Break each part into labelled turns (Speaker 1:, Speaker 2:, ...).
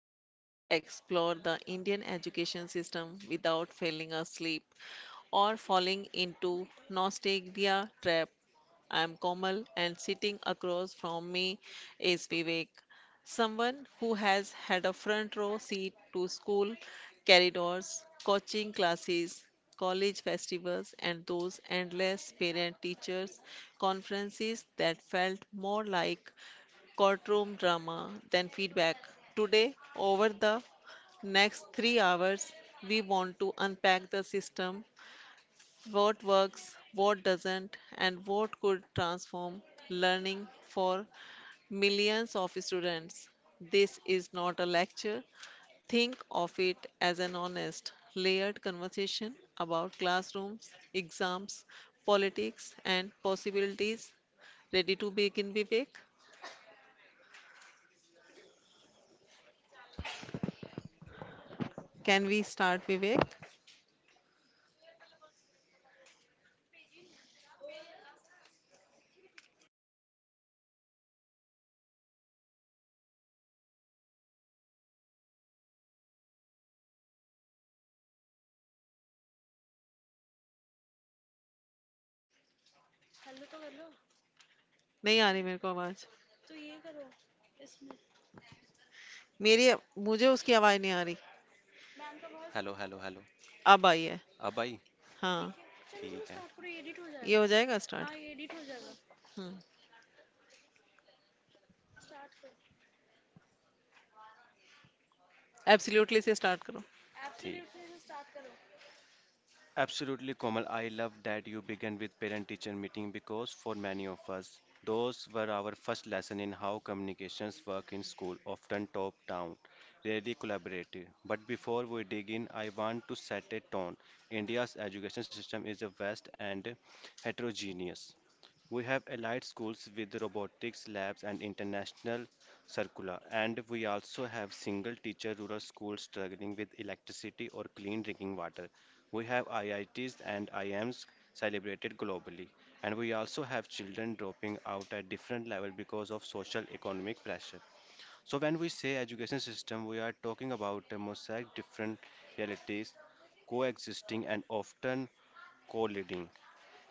Speaker 1: where we explore the Indian education system without falling asleep or falling into nostalgia trap. I am Komal, and sitting across from me is Vivek, someone who has had a front row seat to school corridors, coaching classes, college festivals, and those endless parent teachers conferences that felt more like courtroom drama, then feedback. Today, over the next 3 hours, we want to unpack the system, what works, what doesn't, and what could transform learning for millions of students. This is not a lecture. Think of it as an honest, layered conversation about classrooms, exams, politics, and possibilities. Ready to begin, Vivek? Can we start, Vivek? नहीं आ रही मेरे को आवाज, मेरी, मुझे उसकी आवाज नहीं आ रही.
Speaker 2: हेलो हेलो हेलो
Speaker 1: अब आई है.
Speaker 2: अब आई
Speaker 1: हाँ.
Speaker 2: ठीक है
Speaker 1: ये हो जाएगा जाएगा स्टार्ट. हम्म. एब्सोल्युटली से स्टार्ट करो.
Speaker 2: ठीक. Absolutely, Komal. I love that you began with parent teacher meeting because for many of us, those were our first lesson in how communications work in school, often top down, rarely collaborative. But before we dig in, I want to set a tone. India's education system is a vast and heterogeneous. We have allied schools with robotics labs and international circula, and we also have single teacher rural schools struggling with electricity or clean drinking water. We have IITs and IMs celebrated globally, and we also have children dropping out at different level because of social economic pressure. So when we say education system, we are talking about a mosaic different realities coexisting and often colliding.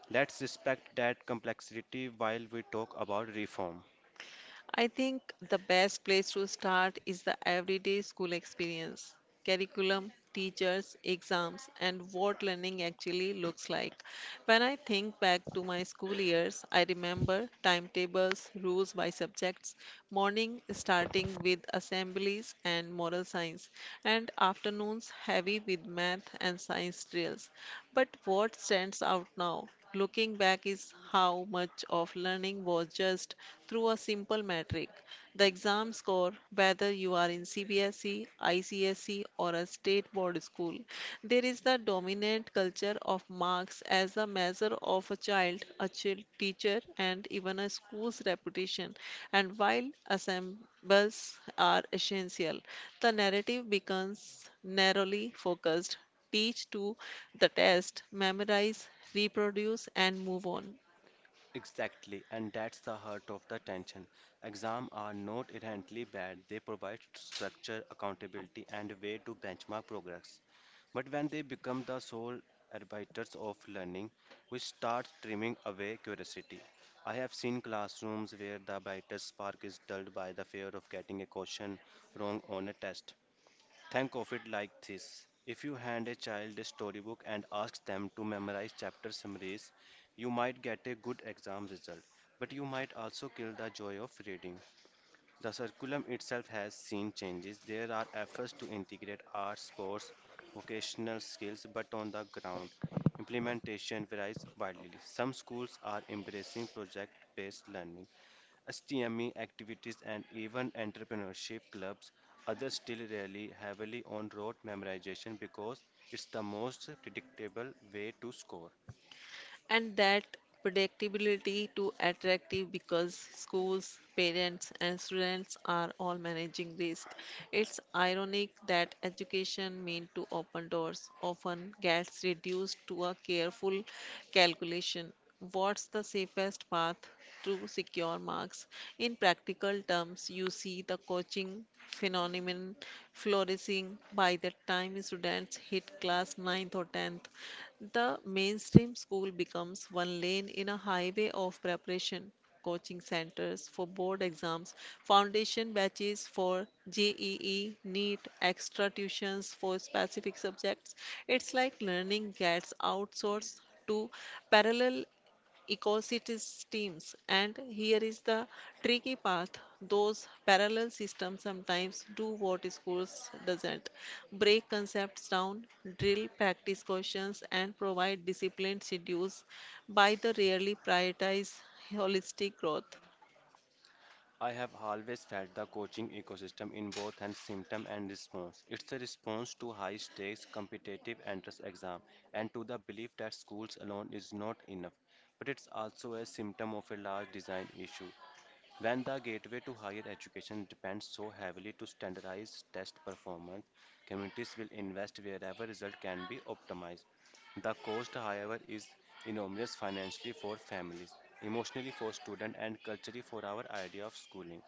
Speaker 2: Let's respect that complexity while we talk about reform.
Speaker 1: I think the best place to start is the everyday school experience, curriculum, teachers, exams, and what learning actually looks like. When I think back to my school years, I remember timetables, rules by subjects, morning starting with assemblies and moral science, and afternoons heavy with math and science drills. But what stands out now, looking back, is how much of learning was just through a simple metric. The exam score. Whether you are in CBSE, ICSE, or a state board school, there is the dominant culture of marks as a measure of a child, teacher, and even a school's reputation. And while assembles are essential, the narrative becomes narrowly focused: teach to the test, memorize, reproduce, and move on.
Speaker 2: Exactly, and that's the heart of the tension. Exams are not inherently bad, they provide structure, accountability, and a way to benchmark progress. But when they become the sole arbiters of learning, we start trimming away curiosity. I have seen classrooms where the brightest spark is dulled by the fear of getting a question wrong on a test. Think of it like this. If you hand a child a storybook and ask them to memorize chapter summaries, you might get a good exam result, but you might also kill the joy of reading. The curriculum itself has seen changes. There are efforts to integrate arts, sports, vocational skills, but on the ground, implementation varies widely. Some schools are embracing project based learning, STME activities and even entrepreneurship clubs. Others still rely heavily on rote memorization because it's the most predictable way to score.
Speaker 1: And that predictability to attractive because schools, parents, and students are all managing risk. It's ironic that education meant to open doors often gets reduced to a careful calculation. What's the safest path to secure marks? In practical terms, you see the coaching phenomenon flourishing. By the time students hit class ninth or 10th, the mainstream school becomes one lane in a highway of preparation, coaching centers for board exams, foundation batches for JEE, NEET, extra tuitions for specific subjects. It's like learning gets outsourced to parallel ecocities teams. And here is the tricky path. Those parallel systems sometimes do what schools doesn't. Break concepts down, drill practice questions, and provide disciplined schedules by the rarely prioritize holistic growth.
Speaker 2: I have always felt the coaching ecosystem in both and symptom and response. It's a response to high stakes competitive entrance exam and to the belief that schools alone is not enough. But it's also a symptom of a large design issue. When the gateway to higher education depends so heavily to standardized test performance, communities will invest wherever result can be optimized. The cost, however, is enormous financially for families, emotionally for students, and culturally for our idea of schooling.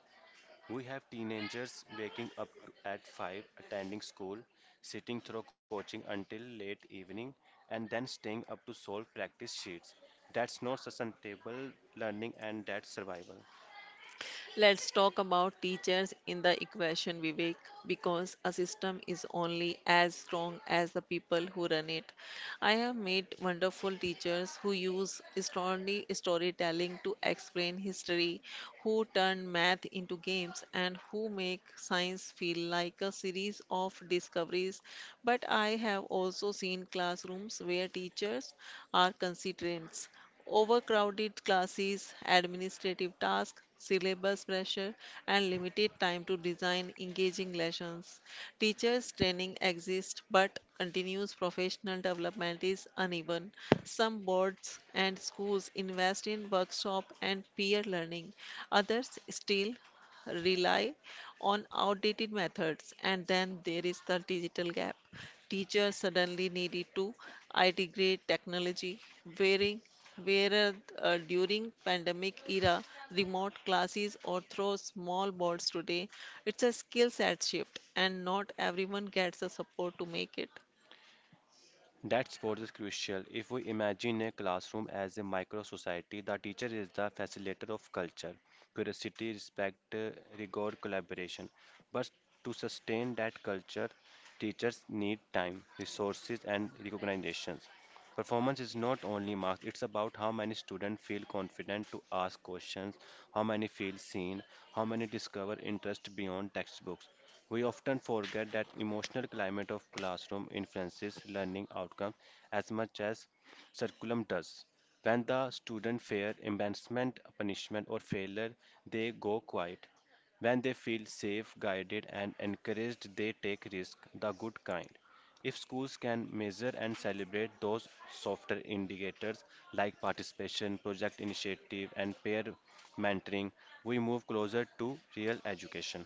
Speaker 2: We have teenagers waking up to, at 5, attending school, sitting through coaching until late evening, and then staying up to solve practice sheets. That's not sustainable learning and that's survival.
Speaker 1: Let's talk about teachers in the equation, Vivek, because a system is only as strong as the people who run it. I have met wonderful teachers who use story, storytelling to explain history, who turn math into games, and who make science feel like a series of discoveries. But I have also seen classrooms where teachers are constraints. Overcrowded classes, administrative tasks, syllabus pressure, and limited time to design engaging lessons. Teachers' training exists, but continuous professional development is uneven. Some boards and schools invest in workshop and peer learning, others still rely on outdated methods, and then there is the digital gap. Teachers suddenly needed to integrate technology, wearing where during pandemic era, remote classes or through small boards today. It's a skill set shift, and not everyone gets the support to make it.
Speaker 2: That sport is crucial. If we imagine a classroom as a micro society, the teacher is the facilitator of culture, curiosity, respect, rigor, collaboration. But to sustain that culture, teachers need time, resources, and recognitions. Performance is not only marks, it's about how many students feel confident to ask questions, how many feel seen, how many discover interest beyond textbooks. We often forget that emotional climate of classroom influences learning outcomes as much as curriculum does. When the student fear embarrassment, punishment, or failure, they go quiet. When they feel safe, guided, and encouraged, they take risk, the good kind. If schools can measure and celebrate those softer indicators like participation, project initiative, and peer mentoring, we move closer to real education.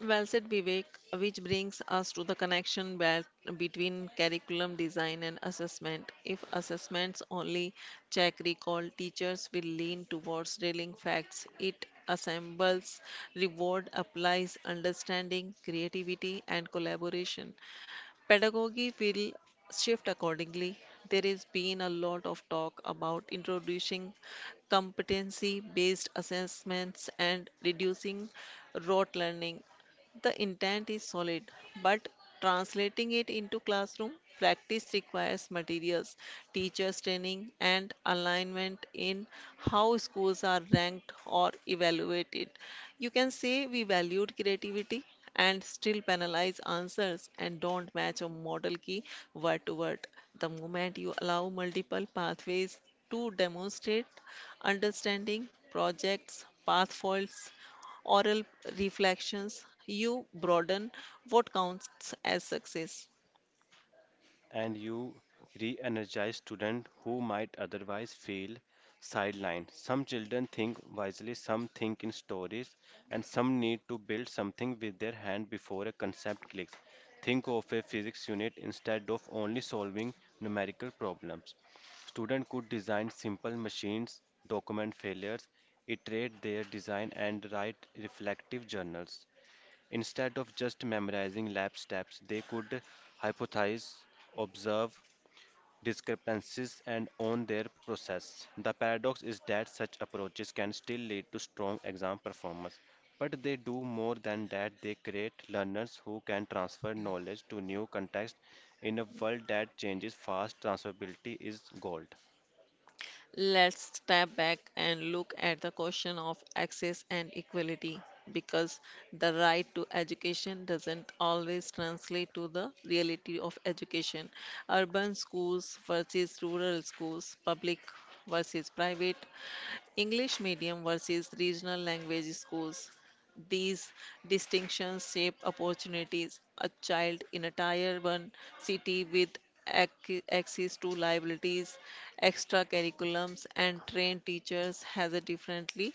Speaker 1: Well said, Vivek, which brings us to the connection between curriculum design and assessment. If assessments only check recall, teachers will lean towards drilling facts. It assembles reward, applies understanding, creativity, and collaboration. Pedagogy will shift accordingly. There has been a lot of talk about introducing competency based assessments and reducing rote learning. The intent is solid, but translating it into classroom practice requires materials, teachers' training, and alignment in how schools are ranked or evaluated. You can say we valued creativity and still penalize answers and don't match a model key word to word. The moment you allow multiple pathways to demonstrate understanding projects, path faults, oral reflections, you broaden what counts as success.
Speaker 2: And you re energize students who might otherwise feel sidelined. Some children think wisely, some think in stories, and some need to build something with their hand before a concept clicks. Think of a physics unit instead of only solving numerical problems. Students could design simple machines, document failures, iterate their design, and write reflective journals. Instead of just memorizing lab steps, they could hypothesize, observe discrepancies, and own their process. The paradox is that such approaches can still lead to strong exam performance, but they do more than that. They create learners who can transfer knowledge to new contexts in a world that changes fast. Transferability is gold.
Speaker 1: Let's step back and look at the question of access and equality, because the right to education doesn't always translate to the reality of education. Urban schools versus rural schools, public versus private, English medium versus regional language schools. These distinctions shape opportunities. A child in a tier 1 city with access to liabilities, extra curriculums, and trained teachers has a differently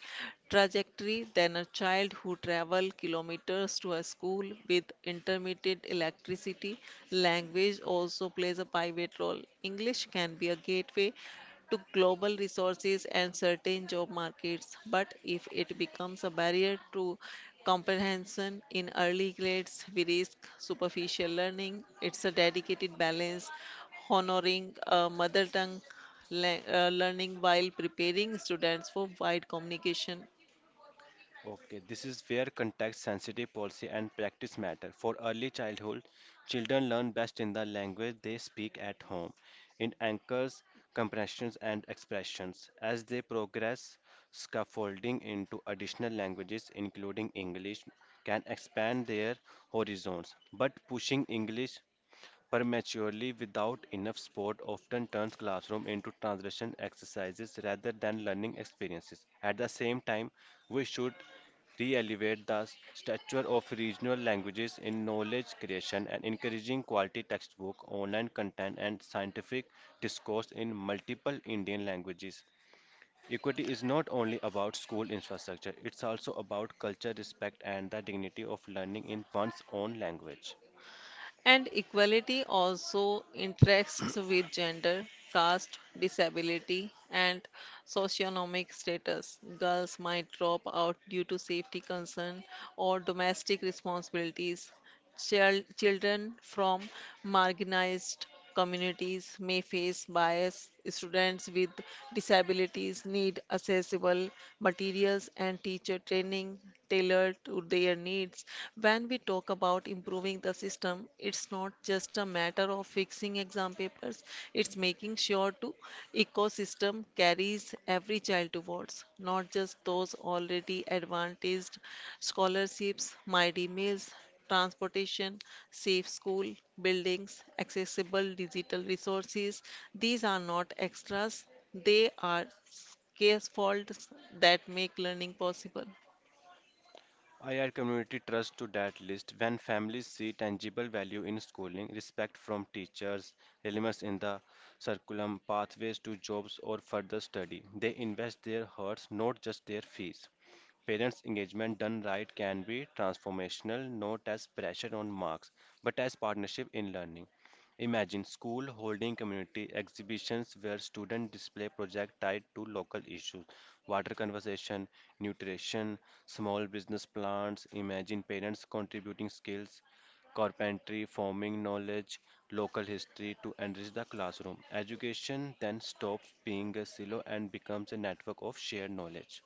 Speaker 1: trajectory than a child who travel kilometers to a school with intermittent electricity. Language also plays a pivot role. English can be a gateway to global resources and certain job markets, but if it becomes a barrier to comprehension in early grades, we risk superficial learning. It's a dedicated balance, honoring mother tongue learning while preparing students for wide communication.
Speaker 2: Okay, this is where context sensitive policy and practice matter. For early childhood, children learn best in the language they speak at home, in anchors, compressions, and expressions. As they progress, scaffolding into additional languages, including English, can expand their horizons. But pushing English prematurely without enough support often turns classroom into translation exercises rather than learning experiences. At the same time, we should re-elevate the stature of regional languages in knowledge creation and encouraging quality textbook, online content, and scientific discourse in multiple Indian languages. Equity is not only about school infrastructure, it's also about culture, respect, and the dignity of learning in one's own language.
Speaker 1: And equality also interacts with gender, caste, disability, and socioeconomic status. Girls might drop out due to safety concern or domestic responsibilities. Children from marginalized communities may face bias. Students with disabilities need accessible materials and teacher training tailored to their needs. When we talk about improving the system, it's not just a matter of fixing exam papers, it's making sure to ecosystem carries every child towards, not just those already advantaged: scholarships, mighty meals, transportation, safe school buildings, accessible digital resources. These are not extras, they are scaffolds that make learning possible.
Speaker 2: I add community trust to that list. When families see tangible value in schooling, respect from teachers, elements in the curriculum, pathways to jobs or further study, they invest their hearts, not just their fees. Parents' engagement done right can be transformational, not as pressure on marks, but as partnership in learning. Imagine school holding community exhibitions where students display projects tied to local issues, water conservation, nutrition, small business plans. Imagine parents contributing skills, carpentry, farming knowledge, local history to enrich the classroom. Education then stops being a silo and becomes a network of shared knowledge.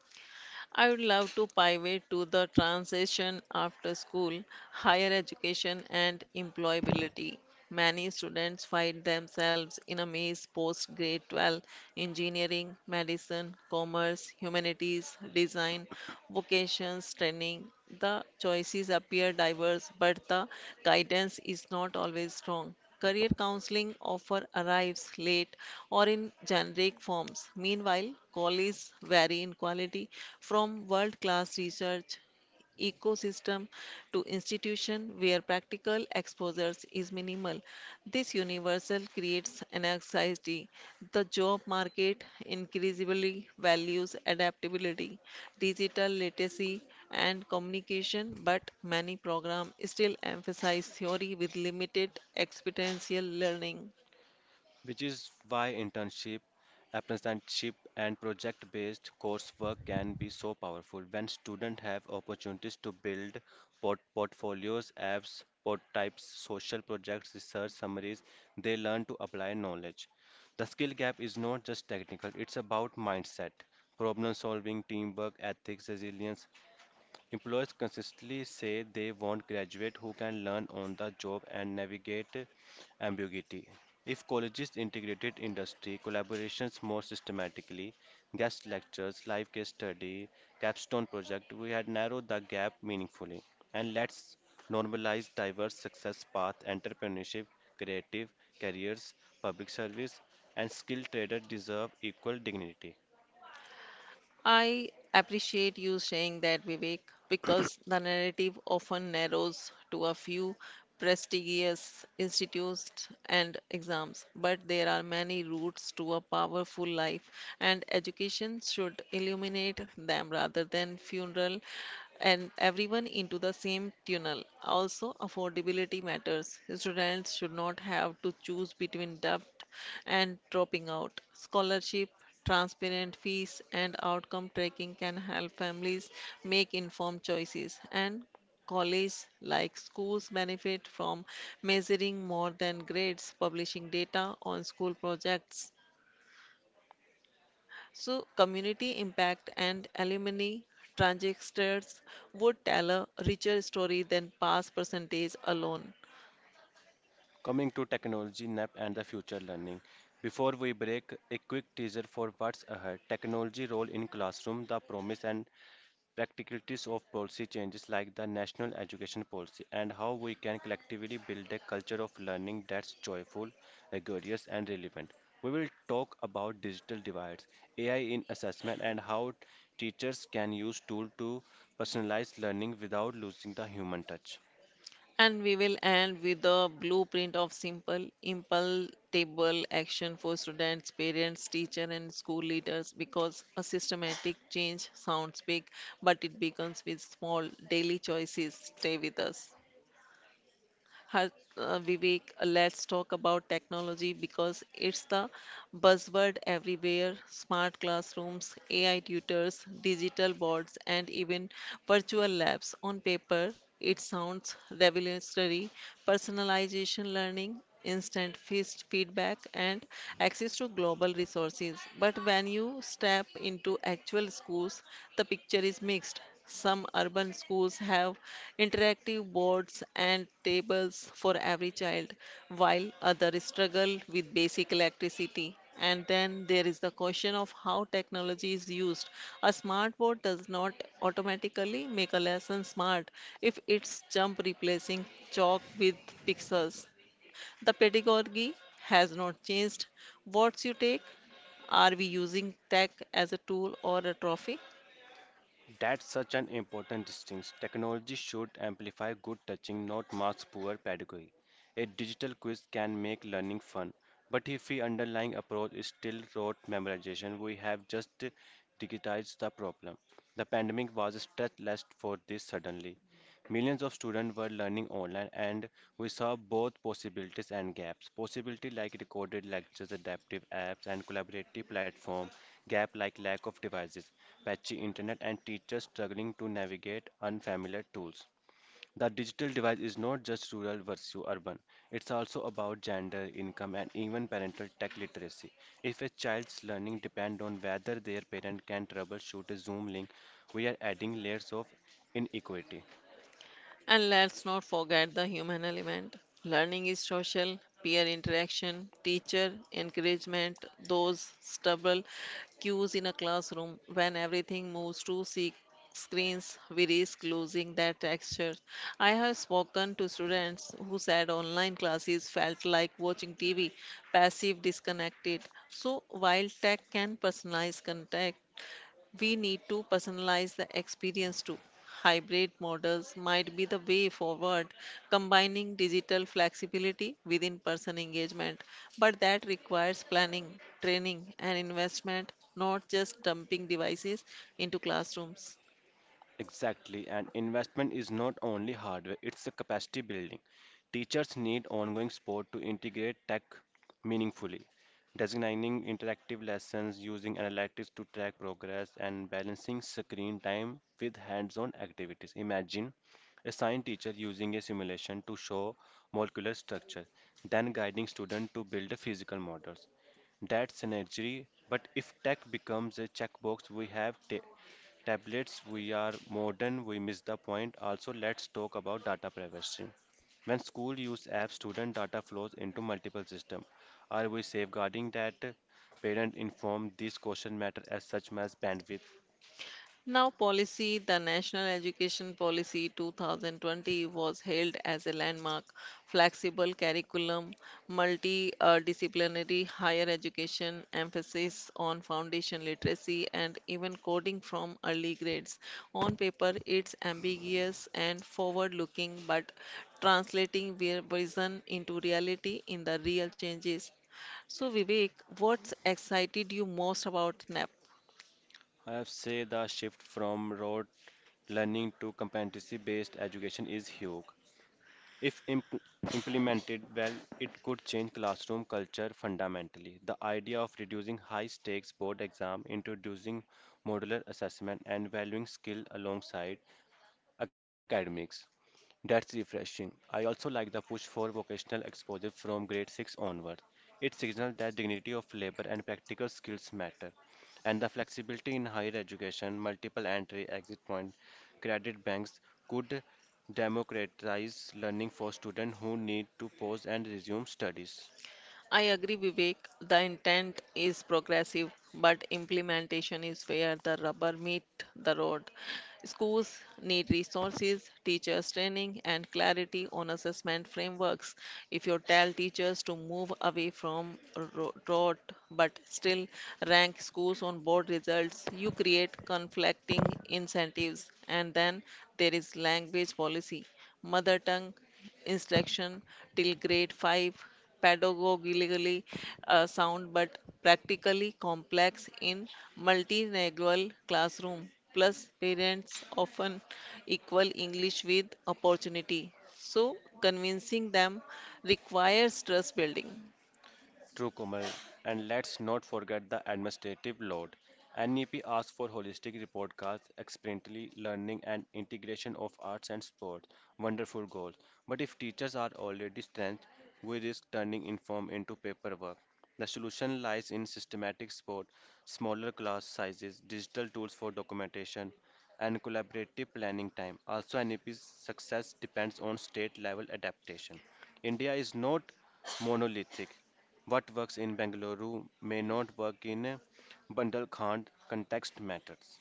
Speaker 1: I would love to pivot to the transition after school, higher education, and employability. Many students find themselves in a maze post grade 12: engineering, medicine, commerce, humanities, design, vocations, training. The choices appear diverse, but the guidance is not always strong. Career counseling offer arrives late or in generic forms. Meanwhile, colleges vary in quality from world class research ecosystem to institution where practical exposures is minimal. This universal creates an anxiety. The job market increasingly values adaptability, digital literacy, and communication, but many programs still emphasize theory with limited experiential learning.
Speaker 2: Which is why internship, apprenticeship, and project based coursework can be so powerful when students have opportunities to build portfolios, apps, port types, social projects, research summaries. They learn to apply knowledge. The skill gap is not just technical, it's about mindset, problem solving, teamwork, ethics, resilience. Employers consistently say they want graduates who can learn on the job and navigate ambiguity. If colleges integrated industry collaborations more systematically, guest lectures, live case study, capstone project, we had narrowed the gap meaningfully. And let's normalize diverse success path, entrepreneurship, creative careers, public service, and skilled traders deserve equal dignity.
Speaker 1: I appreciate you saying that, Vivek, because the narrative often narrows to a few prestigious institutes and exams, but there are many routes to a powerful life, and education should illuminate them rather than funeral and everyone into the same tunnel. Also, affordability matters. Students should not have to choose between debt and dropping out. Scholarship, transparent fees, and outcome tracking can help families make informed choices, and colleges, like schools, benefit from measuring more than grades, publishing data on school projects. So, community impact and alumni transistors would tell a richer story than past percentage alone.
Speaker 2: Coming to technology, NAP, and the future learning. Before we break, a quick teaser for what's ahead. Technology role in classroom, the promise and practicalities of policy changes like the national education policy, and how we can collectively build a culture of learning that's joyful, rigorous, and relevant. We will talk about digital divides, AI in assessment, and how teachers can use tools to personalize learning without losing the human touch.
Speaker 1: And we will end with the blueprint of simple, impulsive action for students, parents, teacher, and school leaders, because a systematic change sounds big, but it begins with small daily choices. Stay with us. Har- Vivek, let's talk about technology because it's the buzzword everywhere. Smart classrooms, AI tutors, digital boards, and even virtual labs. On paper, it sounds revolutionary. Personalization learning, instant fist feedback, and access to global resources. But when you step into actual schools, the picture is mixed. Some urban schools have interactive boards and tables for every child, while others struggle with basic electricity. And then there is the question of how technology is used. A smartboard does not automatically make a lesson smart if it's jump replacing chalk with pixels. The pedagogy has not changed. What's your take? Are we using tech as a tool or a trophy?
Speaker 2: That's such an important distinction. Technology should amplify good teaching, not mask poor pedagogy. A digital quiz can make learning fun, but if the underlying approach is still rote memorization, we have just digitized the problem. The pandemic was a stress test for this suddenly. Millions of students were learning online, and we saw both possibilities and gaps. Possibility like recorded lectures, adaptive apps, and collaborative platform. Gap like lack of devices, patchy internet, and teachers struggling to navigate unfamiliar tools. The digital divide is not just rural versus urban. It's also about gender, income, and even parental tech literacy. If a child's learning depends on whether their parent can troubleshoot a Zoom link, we are adding layers of inequity.
Speaker 1: And let's not forget the human element. Learning is social, peer interaction, teacher encouragement, those stubble cues in a classroom. When everything moves to screens, we risk losing that texture. I have spoken to students who said online classes felt like watching TV, passive, disconnected. So, while tech can personalize content, we need to personalize the experience too. Hybrid models might be the way forward, combining digital flexibility with in person engagement. But that requires planning, training, and investment, not just dumping devices into classrooms.
Speaker 2: Exactly, and investment is not only hardware, it's a capacity building. Teachers need ongoing support to integrate tech meaningfully, designing interactive lessons, using analytics to track progress, and balancing screen time with hands on activities. Imagine a science teacher using a simulation to show molecular structure, then guiding students to build a physical models. That's synergy, but if tech becomes a checkbox, we have tablets, we are modern, we miss the point. Also, let's talk about data privacy. When school use apps, student data flows into multiple systems. Are we safeguarding that? Parent informed these question matter as such as bandwidth.
Speaker 1: Now, policy. The National Education Policy 2020 was hailed as a landmark. Flexible curriculum, multidisciplinary higher education, emphasis on foundation literacy, and even coding from early grades. On paper, it's ambiguous and forward looking, but translating vision into reality in the real changes. So, Vivek, what's excited you most about NAP?
Speaker 2: I have say the shift from rote learning to competency based education is huge. If implemented well, it could change classroom culture fundamentally. The idea of reducing high stakes board exam, introducing modular assessment, and valuing skill alongside academics. That's refreshing. I also like the push for vocational exposure from grade 6 onward. It signals that dignity of labor and practical skills matter, and the flexibility in higher education, multiple entry exit point, credit banks could democratize learning for students who need to pause and resume studies.
Speaker 1: I agree, Vivek. The intent is progressive, but implementation is where the rubber meets the road. Schools need resources, teachers training, and clarity on assessment frameworks. If you tell teachers to move away from rote but still rank schools on board results, you create conflicting incentives. And then there is language policy, mother tongue instruction till grade 5, pedagogically sound but practically complex in multilingual classroom. Plus, parents often equal English with opportunity. So, convincing them requires trust building.
Speaker 2: True, Komal. And let's not forget the administrative load. NEP asks for holistic report cards, experientially learning, and integration of arts and sports. Wonderful goals. But if teachers are already stressed, we risk turning inform into paperwork. The solution lies in systematic support, smaller class sizes, digital tools for documentation, and collaborative planning time. Also, NEP's success depends on state level adaptation. India is not monolithic. What works in Bengaluru may not work in Bundelkhand. Context matters.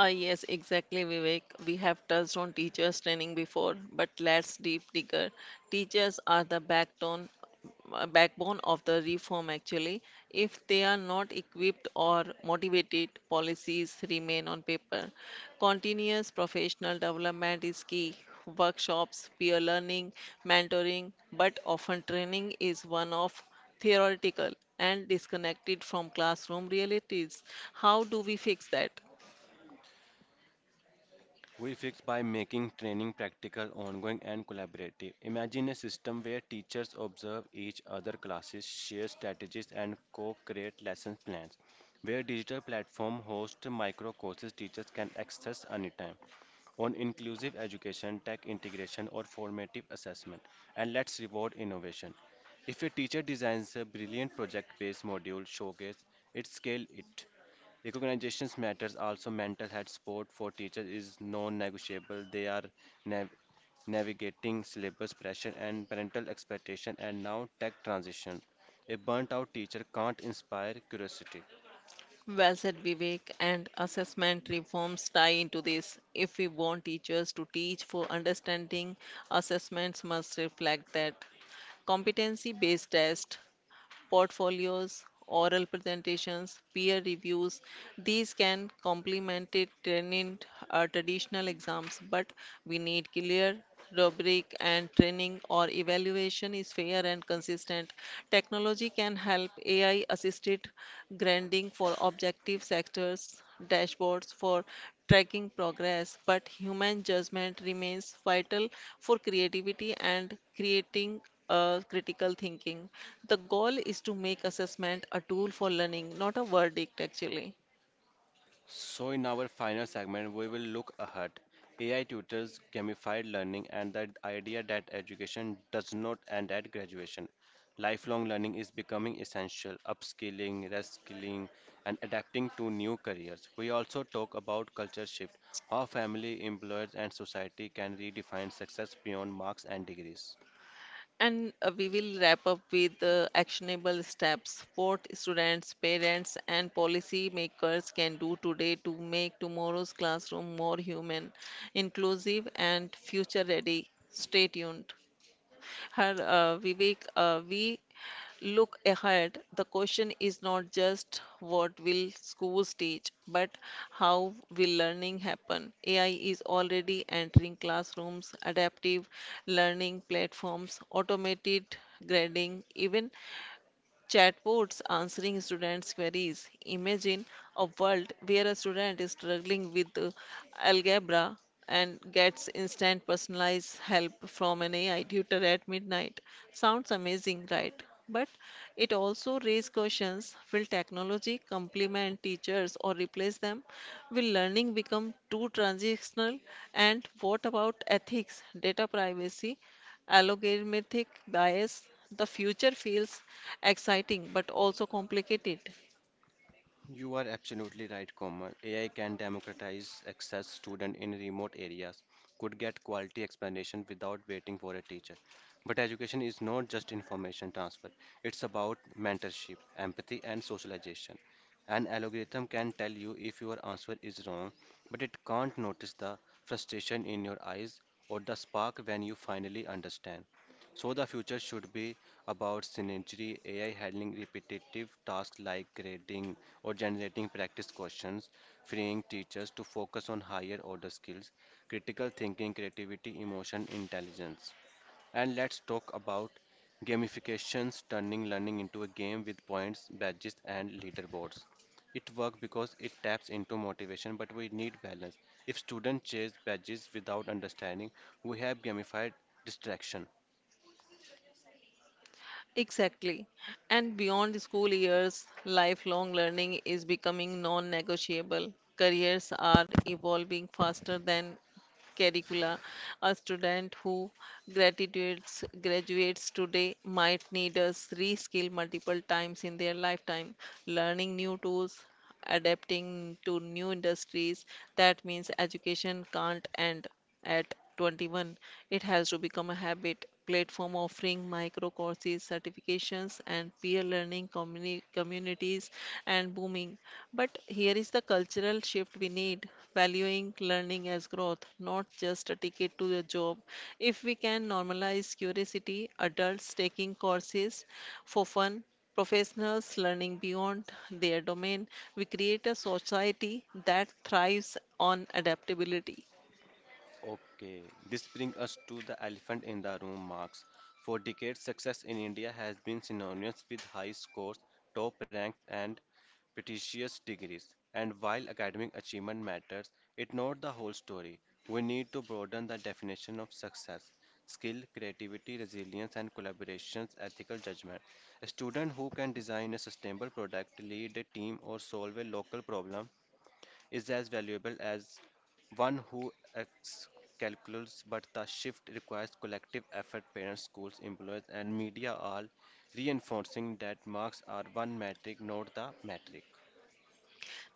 Speaker 1: Ah, yes, exactly, Vivek. We have touched on teachers' training before, but let's deep digger. Teachers are the backbone of the reform, actually. If they are not equipped or motivated, policies remain on paper. Continuous professional development is key. Workshops, peer learning, mentoring, but often training is one of theoretical and disconnected from classroom realities. How do we fix that?
Speaker 2: We fix by making training practical, ongoing, and collaborative. Imagine a system where teachers observe each other classes, share strategies, and co-create lesson plans. Where digital platform host micro courses teachers can access anytime. On inclusive education, tech integration, or formative assessment. And let's reward innovation. If a teacher designs a brilliant project based module showcase, it scale it. Recognitions matters. Also, mental health support for teachers is non-negotiable. They are nav- navigating syllabus pressure and parental expectation and now tech transition. A burnt out teacher can't inspire curiosity.
Speaker 1: Well said, Vivek, and assessment reforms tie into this. If we want teachers to teach for understanding, assessments must reflect that. Competency based test, portfolios, oral presentations, peer reviews. These can complement it in traditional exams, but we need clear rubric and training or evaluation is fair and consistent. Technology can help AI assisted grading for objective sectors, dashboards for tracking progress, but human judgment remains vital for creativity and creating critical thinking. The goal is to make assessment a tool for learning, not a verdict, actually.
Speaker 2: So, in our final segment, we will look ahead. AI tutors, gamified learning, and the idea that education does not end at graduation. Lifelong learning is becoming essential, upskilling, reskilling, and adapting to new careers. We also talk about culture shift, how family, employers, and society can redefine success beyond marks and degrees.
Speaker 1: And We will wrap up with actionable steps what students, parents, and policy makers can do today to make tomorrow's classroom more human, inclusive, and future ready. Stay tuned. And Vivek, we look ahead. The question is not just what will schools teach, but how will learning happen? AI is already entering classrooms, adaptive learning platforms, automated grading, even Chatbots answering students' queries. Imagine a world where a student is struggling with algebra and gets instant personalized help from an AI tutor at midnight. Sounds amazing, right? But it also raises questions will technology complement teachers or replace them? Will learning become too transactional? And what about ethics, data privacy, algorithmic bias, the future feels exciting but also complicated.
Speaker 2: You are absolutely right, Komal. AI can democratize access. Student in remote areas could get quality explanation without waiting for a teacher. But education is not just information transfer. It's about mentorship, empathy, and socialization. An algorithm can tell you if your answer is wrong, but it can't notice the frustration in your eyes or the spark when you finally understand. So the future should be about synergy, AI handling repetitive tasks like grading or generating practice questions, freeing teachers to focus on higher order skills, critical thinking, creativity, emotion, intelligence. And let's talk about gamifications, turning learning into a game with points, badges, and leaderboards. It works because it taps into motivation, but we need balance. If students chase badges without understanding, we have gamified distraction.
Speaker 1: Exactly. And beyond the school years, lifelong learning is becoming non negotiable. Careers are evolving faster than curricula. A student who graduates today might need us reskill multiple times in their lifetime, learning new tools, adapting to new industries. That means education can't end. At 21, it has to become a habit. Platform offering micro courses, certifications, and peer learning communities and booming. But here is the cultural shift we need valuing learning as growth, not just a ticket to a job. If we can normalize curiosity, adults taking courses for fun, professionals learning beyond their domain, we create a society that thrives on adaptability.
Speaker 2: Okay, this brings us to the elephant in the room marks. For decades, success in India has been synonymous with high scores, top ranks, and prestigious degrees. And while academic achievement matters, it's not the whole story. We need to broaden the definition of success. Skill, creativity, resilience, and collaborations, ethical judgment. A student who can design a sustainable product, lead a team, or solve a local problem is as valuable as one who calculates, but the shift requires collective effort. Parents, schools, employers, and media all reinforcing that marks are one metric, not the metric.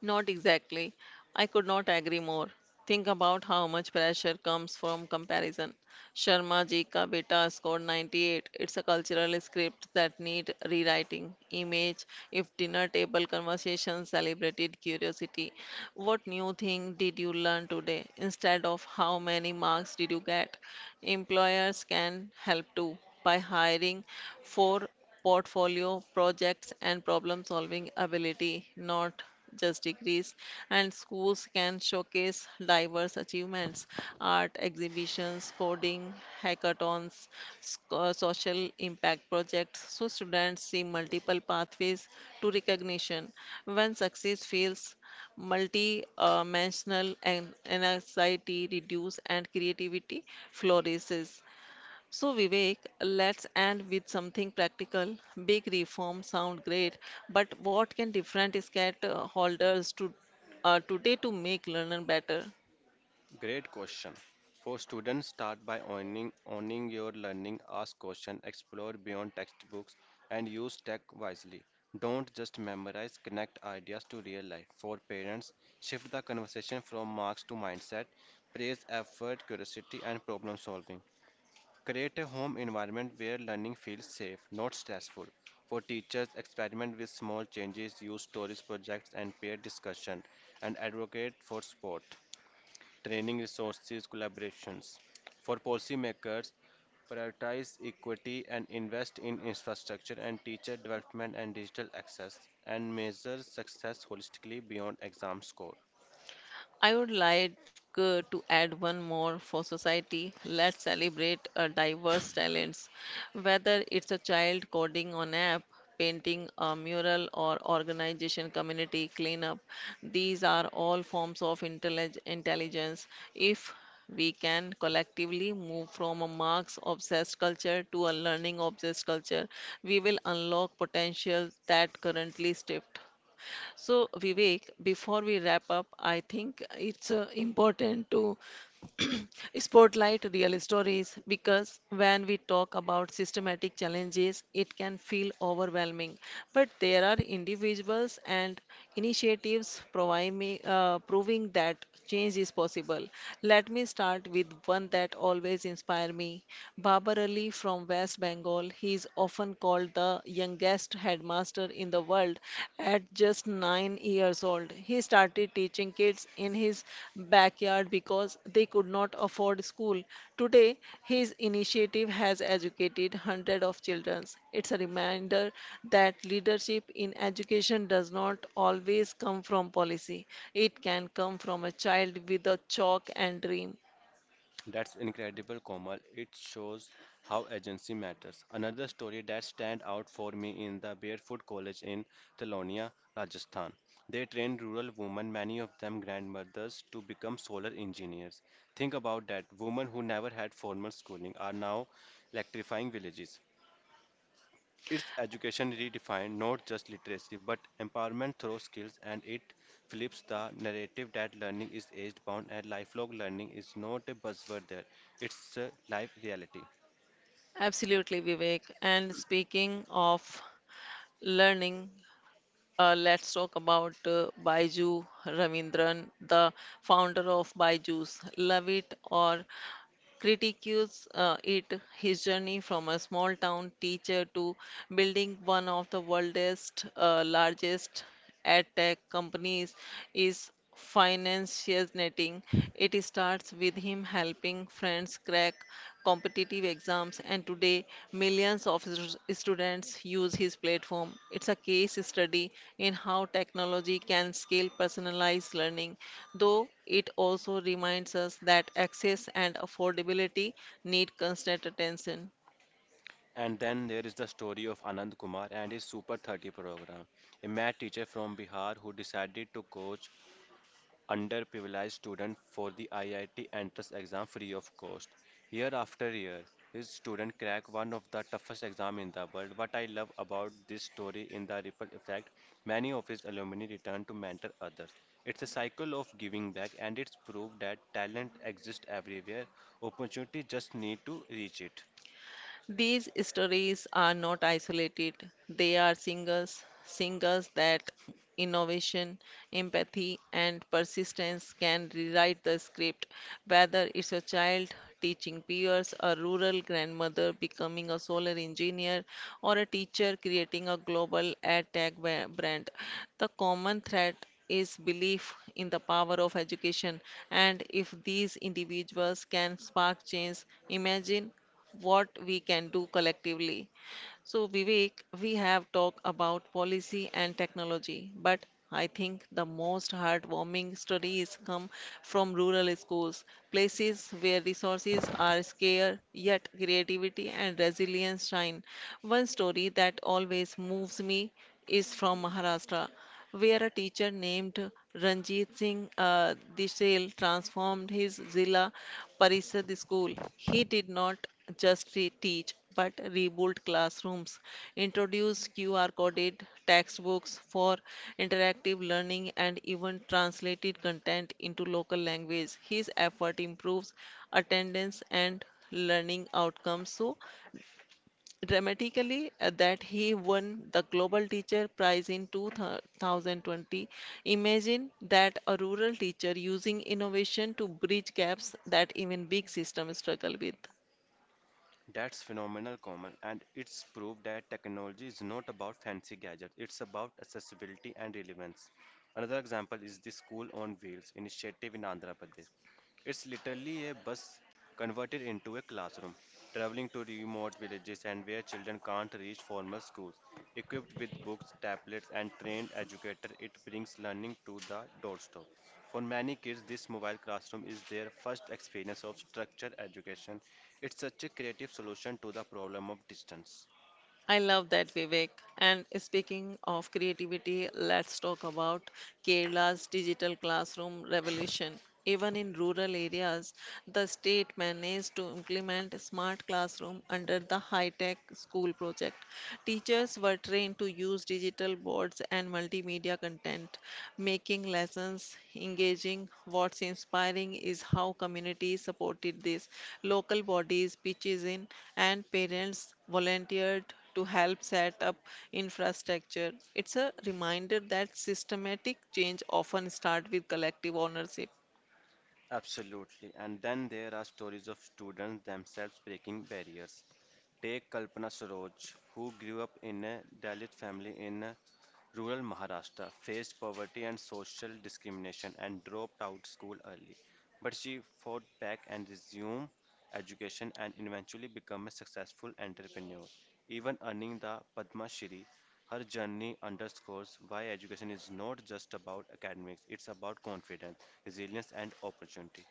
Speaker 1: Not exactly. I could not agree more. Think about how much pressure comes from comparison. Sharma ji ka beta scored 98. It's a cultural script that need rewriting. Image, if dinner table conversations celebrated curiosity. What new thing did you learn today instead of how many marks did you get? Employers can help too by hiring for portfolio projects and problem solving ability, not just degrees. And schools can showcase diverse achievements, art exhibitions, coding, hackathons, social impact projects, so students see multiple pathways to recognition. When success feels multi-dimensional and anxiety reduce and creativity flourishes. So Vivek, let's end with something practical. Big reform sound great, but what can different SCAT holders to today to make learning better?
Speaker 2: Great question. For students, start by owning your learning, ask questions, explore beyond textbooks, and use tech wisely. Don't just memorize, connect ideas to real life. For parents, shift the conversation from marks to mindset, praise effort, curiosity, and problem solving. Create a home environment where learning feels safe, not stressful. For teachers, experiment with small changes, use stories, projects, and peer discussion, and advocate for sport training resources collaborations. For policymakers, prioritize equity and invest in infrastructure and teacher development and digital access and measure success holistically beyond exam score.
Speaker 1: I would like to add one more for society. Let's celebrate our diverse talents, whether it's a child coding on app, painting a mural, or organization community cleanup. These are all forms of intelligence. If we can collectively move from a marks obsessed culture to a learning obsessed culture, we will unlock potential that currently stripped. So, Vivek, before we wrap up, I think it's important to spotlight real stories because when we talk about systematic challenges, it can feel overwhelming. But there are individuals and initiatives proving that change is possible. Let me start with one that always inspires me. Babar Ali from West Bengal. He is often called the youngest headmaster master in the world at just 9 years old. He started teaching kids in his backyard because they could not afford school. Today, his initiative has educated hundreds of children. It's a reminder that leadership in education does not always come from policy, it can come from a child with a chalk and dream.
Speaker 2: That's incredible, Komal. It shows how agency matters. Another story that stand out for me in the Barefoot College in Telonia, Rajasthan. They trained rural women, many of them grandmothers, to become solar engineers. Think about that. Women who never had formal schooling are now electrifying villages. It's education redefined, not just literacy, but empowerment through skills, and it flips the narrative that learning is age bound and lifelong learning is not a buzzword there. It's a life reality.
Speaker 1: Absolutely, Vivek. And speaking of learning, let's talk about Baiju Ravindran, the founder of Baiju's. Love it or critiques it, his journey from a small town teacher to building one of the world's largest ad tech companies is financiating. It starts with him helping friends crack competitive exams, and today millions of students use his platform. It's a case study in how technology can scale personalized learning, though it also reminds us that access and affordability need constant attention.
Speaker 2: And then there is the story of Anand Kumar and his Super 30 program, a math teacher from Bihar who decided to coach underprivileged student for the IIT entrance exam free of cost. Year after year, his student crack one of the toughest exams in the world. What I love about this story in the ripple effect, many of his alumni return to mentor others. It's a cycle of giving back and it's proof that talent exists everywhere. Opportunity just need to reach it.
Speaker 1: These stories are not isolated. They are singers that innovation, empathy, and persistence can rewrite the script. Whether it's a child teaching peers, a rural grandmother becoming a solar engineer, or a teacher creating a global ad tech brand, the common thread is belief in the power of education and if these individuals can spark change imagine what we can do collectively. So, Vivek, we have talked about policy and technology, but I think the most heartwarming stories come from rural schools, places where resources are scarce yet creativity and resilience shine. One story that always moves me is from Maharashtra where a teacher named Ranjit Singh Dishel transformed his Zilla Parishad school. He did not just teach but rebuilt classrooms, introduced QR coded textbooks for interactive learning, and even translated content into local language. His effort improves attendance and learning outcomes. So, dramatically that he won the Global Teacher Prize in 2020. Imagine that a rural teacher using innovation to bridge gaps that even big systems struggle with.
Speaker 2: That's phenomenal, Komal, and it's proof that technology is not about fancy gadgets, it's about accessibility and relevance. Another example is the School on Wheels initiative in Andhra Pradesh. It's literally a bus converted into a classroom, traveling to remote villages and where children can't reach formal schools. Equipped with books, tablets, and trained educators, it brings learning to the doorstep. For many kids, this mobile classroom is their first experience of structured education. It's such a creative solution to the problem of distance.
Speaker 1: I love that, Vivek. And speaking of creativity, let's talk about Kerala's digital classroom revolution. Even in rural areas, the state managed to implement smart classroom under the high-tech school project. Teachers were trained to use digital boards and multimedia content, making lessons engaging. What's inspiring is how communities supported this. Local bodies, pitches in, and parents volunteered to help set up infrastructure. It's a reminder that systematic change often start with collective ownership.
Speaker 2: Absolutely. And then there are stories of students themselves breaking barriers. Take Kalpana Saroj, who grew up in a Dalit family in rural Maharashtra, faced poverty and social discrimination, and dropped out school early. But she fought back and resumed education and eventually became a successful entrepreneur, even earning the Padma Shri. Her journey underscores why education is not just about academics, it's about confidence, resilience, and opportunity.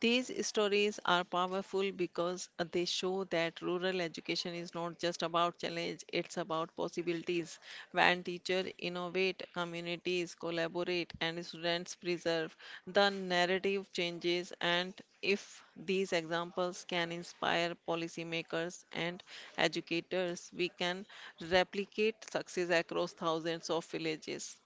Speaker 1: These stories are powerful because they show that rural education is not just about challenge, it's about possibilities. When teachers innovate, communities collaborate, and students preserve, the narrative changes. And if these examples can inspire policymakers and educators, we can replicate success across thousands of villages.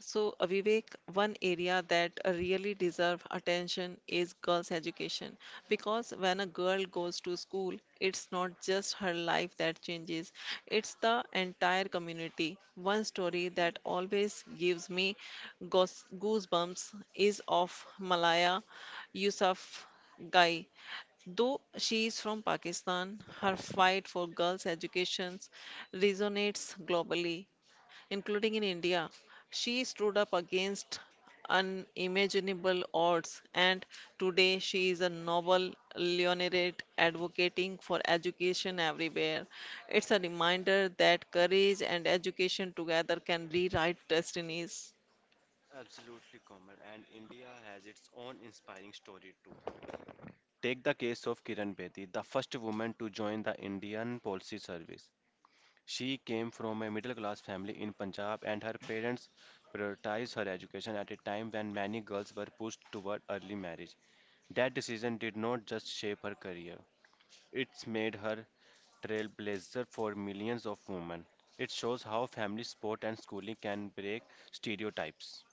Speaker 1: So, Vivek, one area that really deserve attention is girls' education because when a girl goes to school, it's not just her life that changes, it's the entire community. One story that always gives me goosebumps is of Malaya Yousaf Gai. Though she is from Pakistan, her fight for girls' education resonates globally including in India. She stood up against unimaginable odds, and today she is a Nobel laureate advocating for education everywhere. It's a reminder that courage and education together can rewrite destinies.
Speaker 2: Absolutely, Komal. And India has its own inspiring story too. Take the case of Kiran Bedi, the first woman to join the Indian Police Service. She came from a middle class family in Punjab, and her parents prioritized her education at a time when many girls were pushed toward early marriage. That decision did not just shape her career, it's made her trailblazer for millions of women. It shows how family support and schooling can break stereotypes.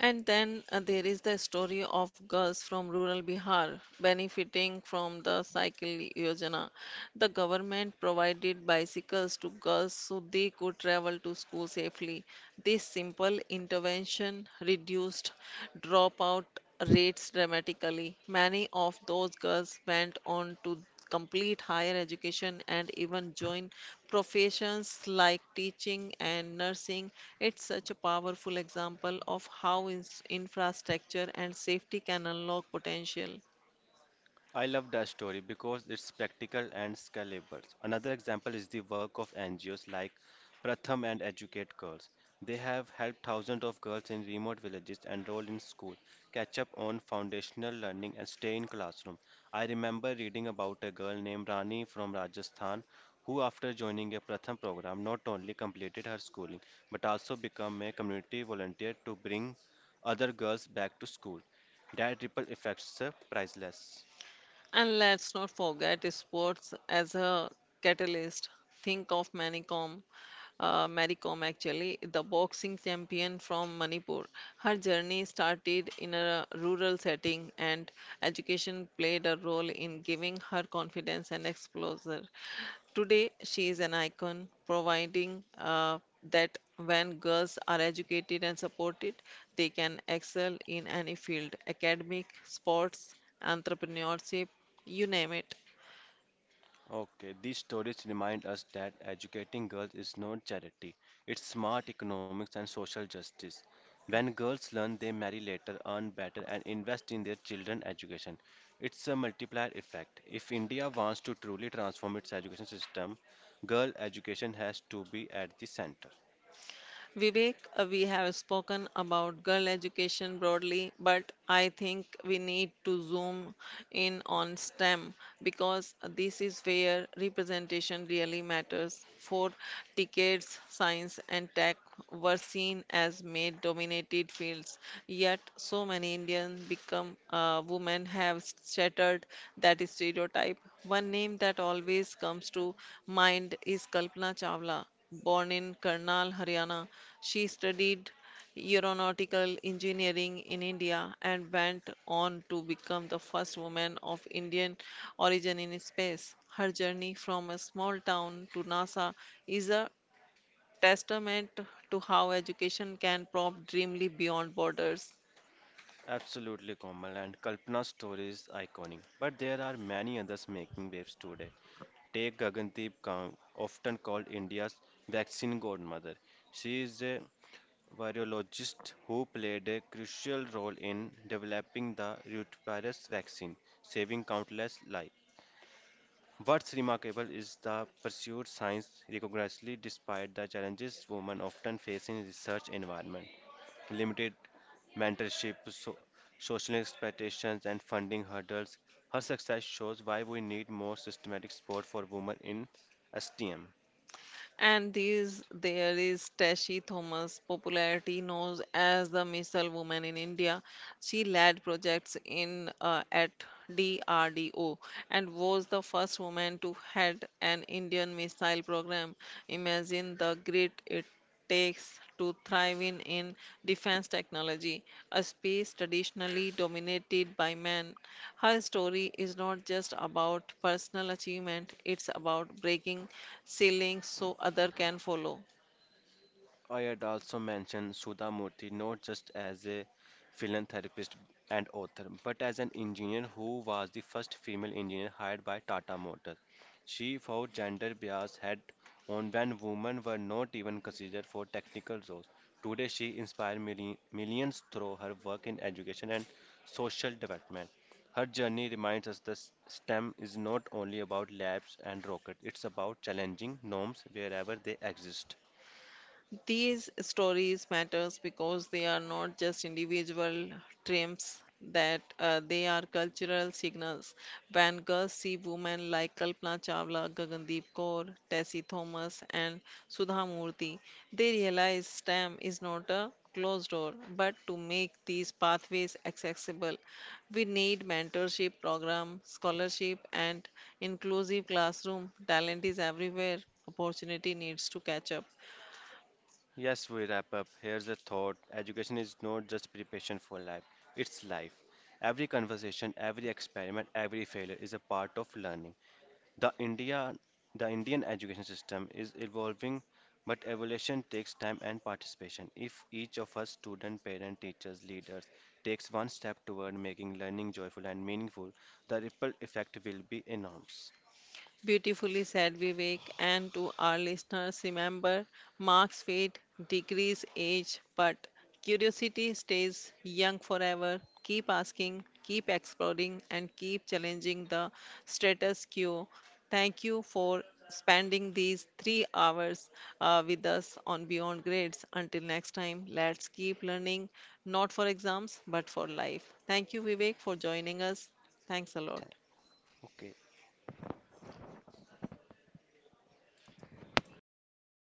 Speaker 1: And then There is the story of girls from rural Bihar benefiting from the Cycle Yojana. The government provided bicycles to girls so they could travel to school safely. This simple intervention reduced dropout rates dramatically. Many of those girls went on to complete higher education and even join professions like teaching and nursing. It's such a powerful example of how infrastructure and safety can unlock potential.
Speaker 2: I love that story because it's practical and scalable. Another example is the work of NGOs like Pratham and Educate Girls. They have helped thousands of girls in remote villages enroll in school, catch up on foundational learning, and stay in classroom. I remember reading about a girl named Rani from Rajasthan who, after joining a Pratham program, not only completed her schooling but also became a community volunteer to bring other girls back to school. That ripple effects are priceless.
Speaker 1: And let's not forget sports as a catalyst. Think of Mary Kom, actually, the boxing champion from Manipur. Her journey started in a rural setting, and education played a role in giving her confidence and exposure. Today, she is an icon, providing that when girls are educated and supported, they can excel in any field academic, sports, entrepreneurship, you name it.
Speaker 2: Okay, these stories remind us that educating girls is not charity, it's smart economics and social justice. When girls learn, they marry later, earn better, and invest in their children's education. It's a multiplier effect. If India wants to truly transform its education system, girl education has to be at the center.
Speaker 1: Vivek, we have spoken about girl education broadly, but I think we need to zoom in on STEM because this is where representation really matters. For decades, science and tech were seen as male-dominated fields, yet so many Indian become women have shattered that stereotype. One name that always comes to mind is Kalpana Chawla. Born in Karnal, Haryana, she studied aeronautical engineering in India and went on to become the first woman of Indian origin in space. Her journey from a small town to NASA is a testament to how education can prompt dreamly beyond borders.
Speaker 2: Absolutely, Komal, and Kalpana's story is iconic, but there are many others making waves today. Take Gagandeep Kaur, often called India's vaccine godmother. She is a virologist who played a crucial role in developing the rotavirus vaccine, saving countless lives. What's remarkable is the pursued science rigorously despite the challenges women often face in research environment limited mentorship, so, social expectations, and funding hurdles, her success shows why we need more systematic support for women in STEM.
Speaker 1: And these there is Tashi Thomas, popularity known as the missile woman in India. She led projects in at DRDO and was the first woman to head an Indian missile program. Imagine the grit it takes to thrive in defense technology, a space traditionally dominated by men. Her story is not just about personal achievement, it's about breaking ceilings so other can follow.
Speaker 2: I had also mentioned Sudha Murthy not just as a philanthropist and author, but as an engineer who was the first female engineer hired by Tata Motors. She fought gender bias head on when women were not even considered for technical roles. Today, she inspired millions through her work in education and social development. Her journey reminds us that STEM is not only about labs and rockets, it's about challenging norms wherever they exist.
Speaker 1: These stories matters because they are not just individual triumphs that they are cultural signals. When girls see women like Kalpana Chawla, Gagandeep Kaur, Tessie Thomas and Sudha Murthy, they realize STEM is not a closed door, but to make these pathways accessible, we need mentorship program, scholarship and inclusive classroom. Talent is everywhere. Opportunity needs to catch up.
Speaker 2: Yes, we wrap up. Here's a thought. Education is not just preparation for life, it's life. Every conversation, every experiment, every failure is a part of learning. The India the Indian education system is evolving, but evolution takes time and participation. If each of us student, parent, teachers, leaders takes one step toward making learning joyful and meaningful, the ripple effect will be enormous.
Speaker 1: Beautifully said, Vivek. And to our listeners, remember marks fade, degrees age, but curiosity stays young forever. Keep asking, keep exploring, and keep challenging the status quo. Thank you for spending these 3 hours with us on Beyond Grades. Until next time, let's keep learning, not for exams, but for life. Thank you, Vivek, for joining us. Thanks a
Speaker 2: Thank-
Speaker 1: lot.
Speaker 2: Okay.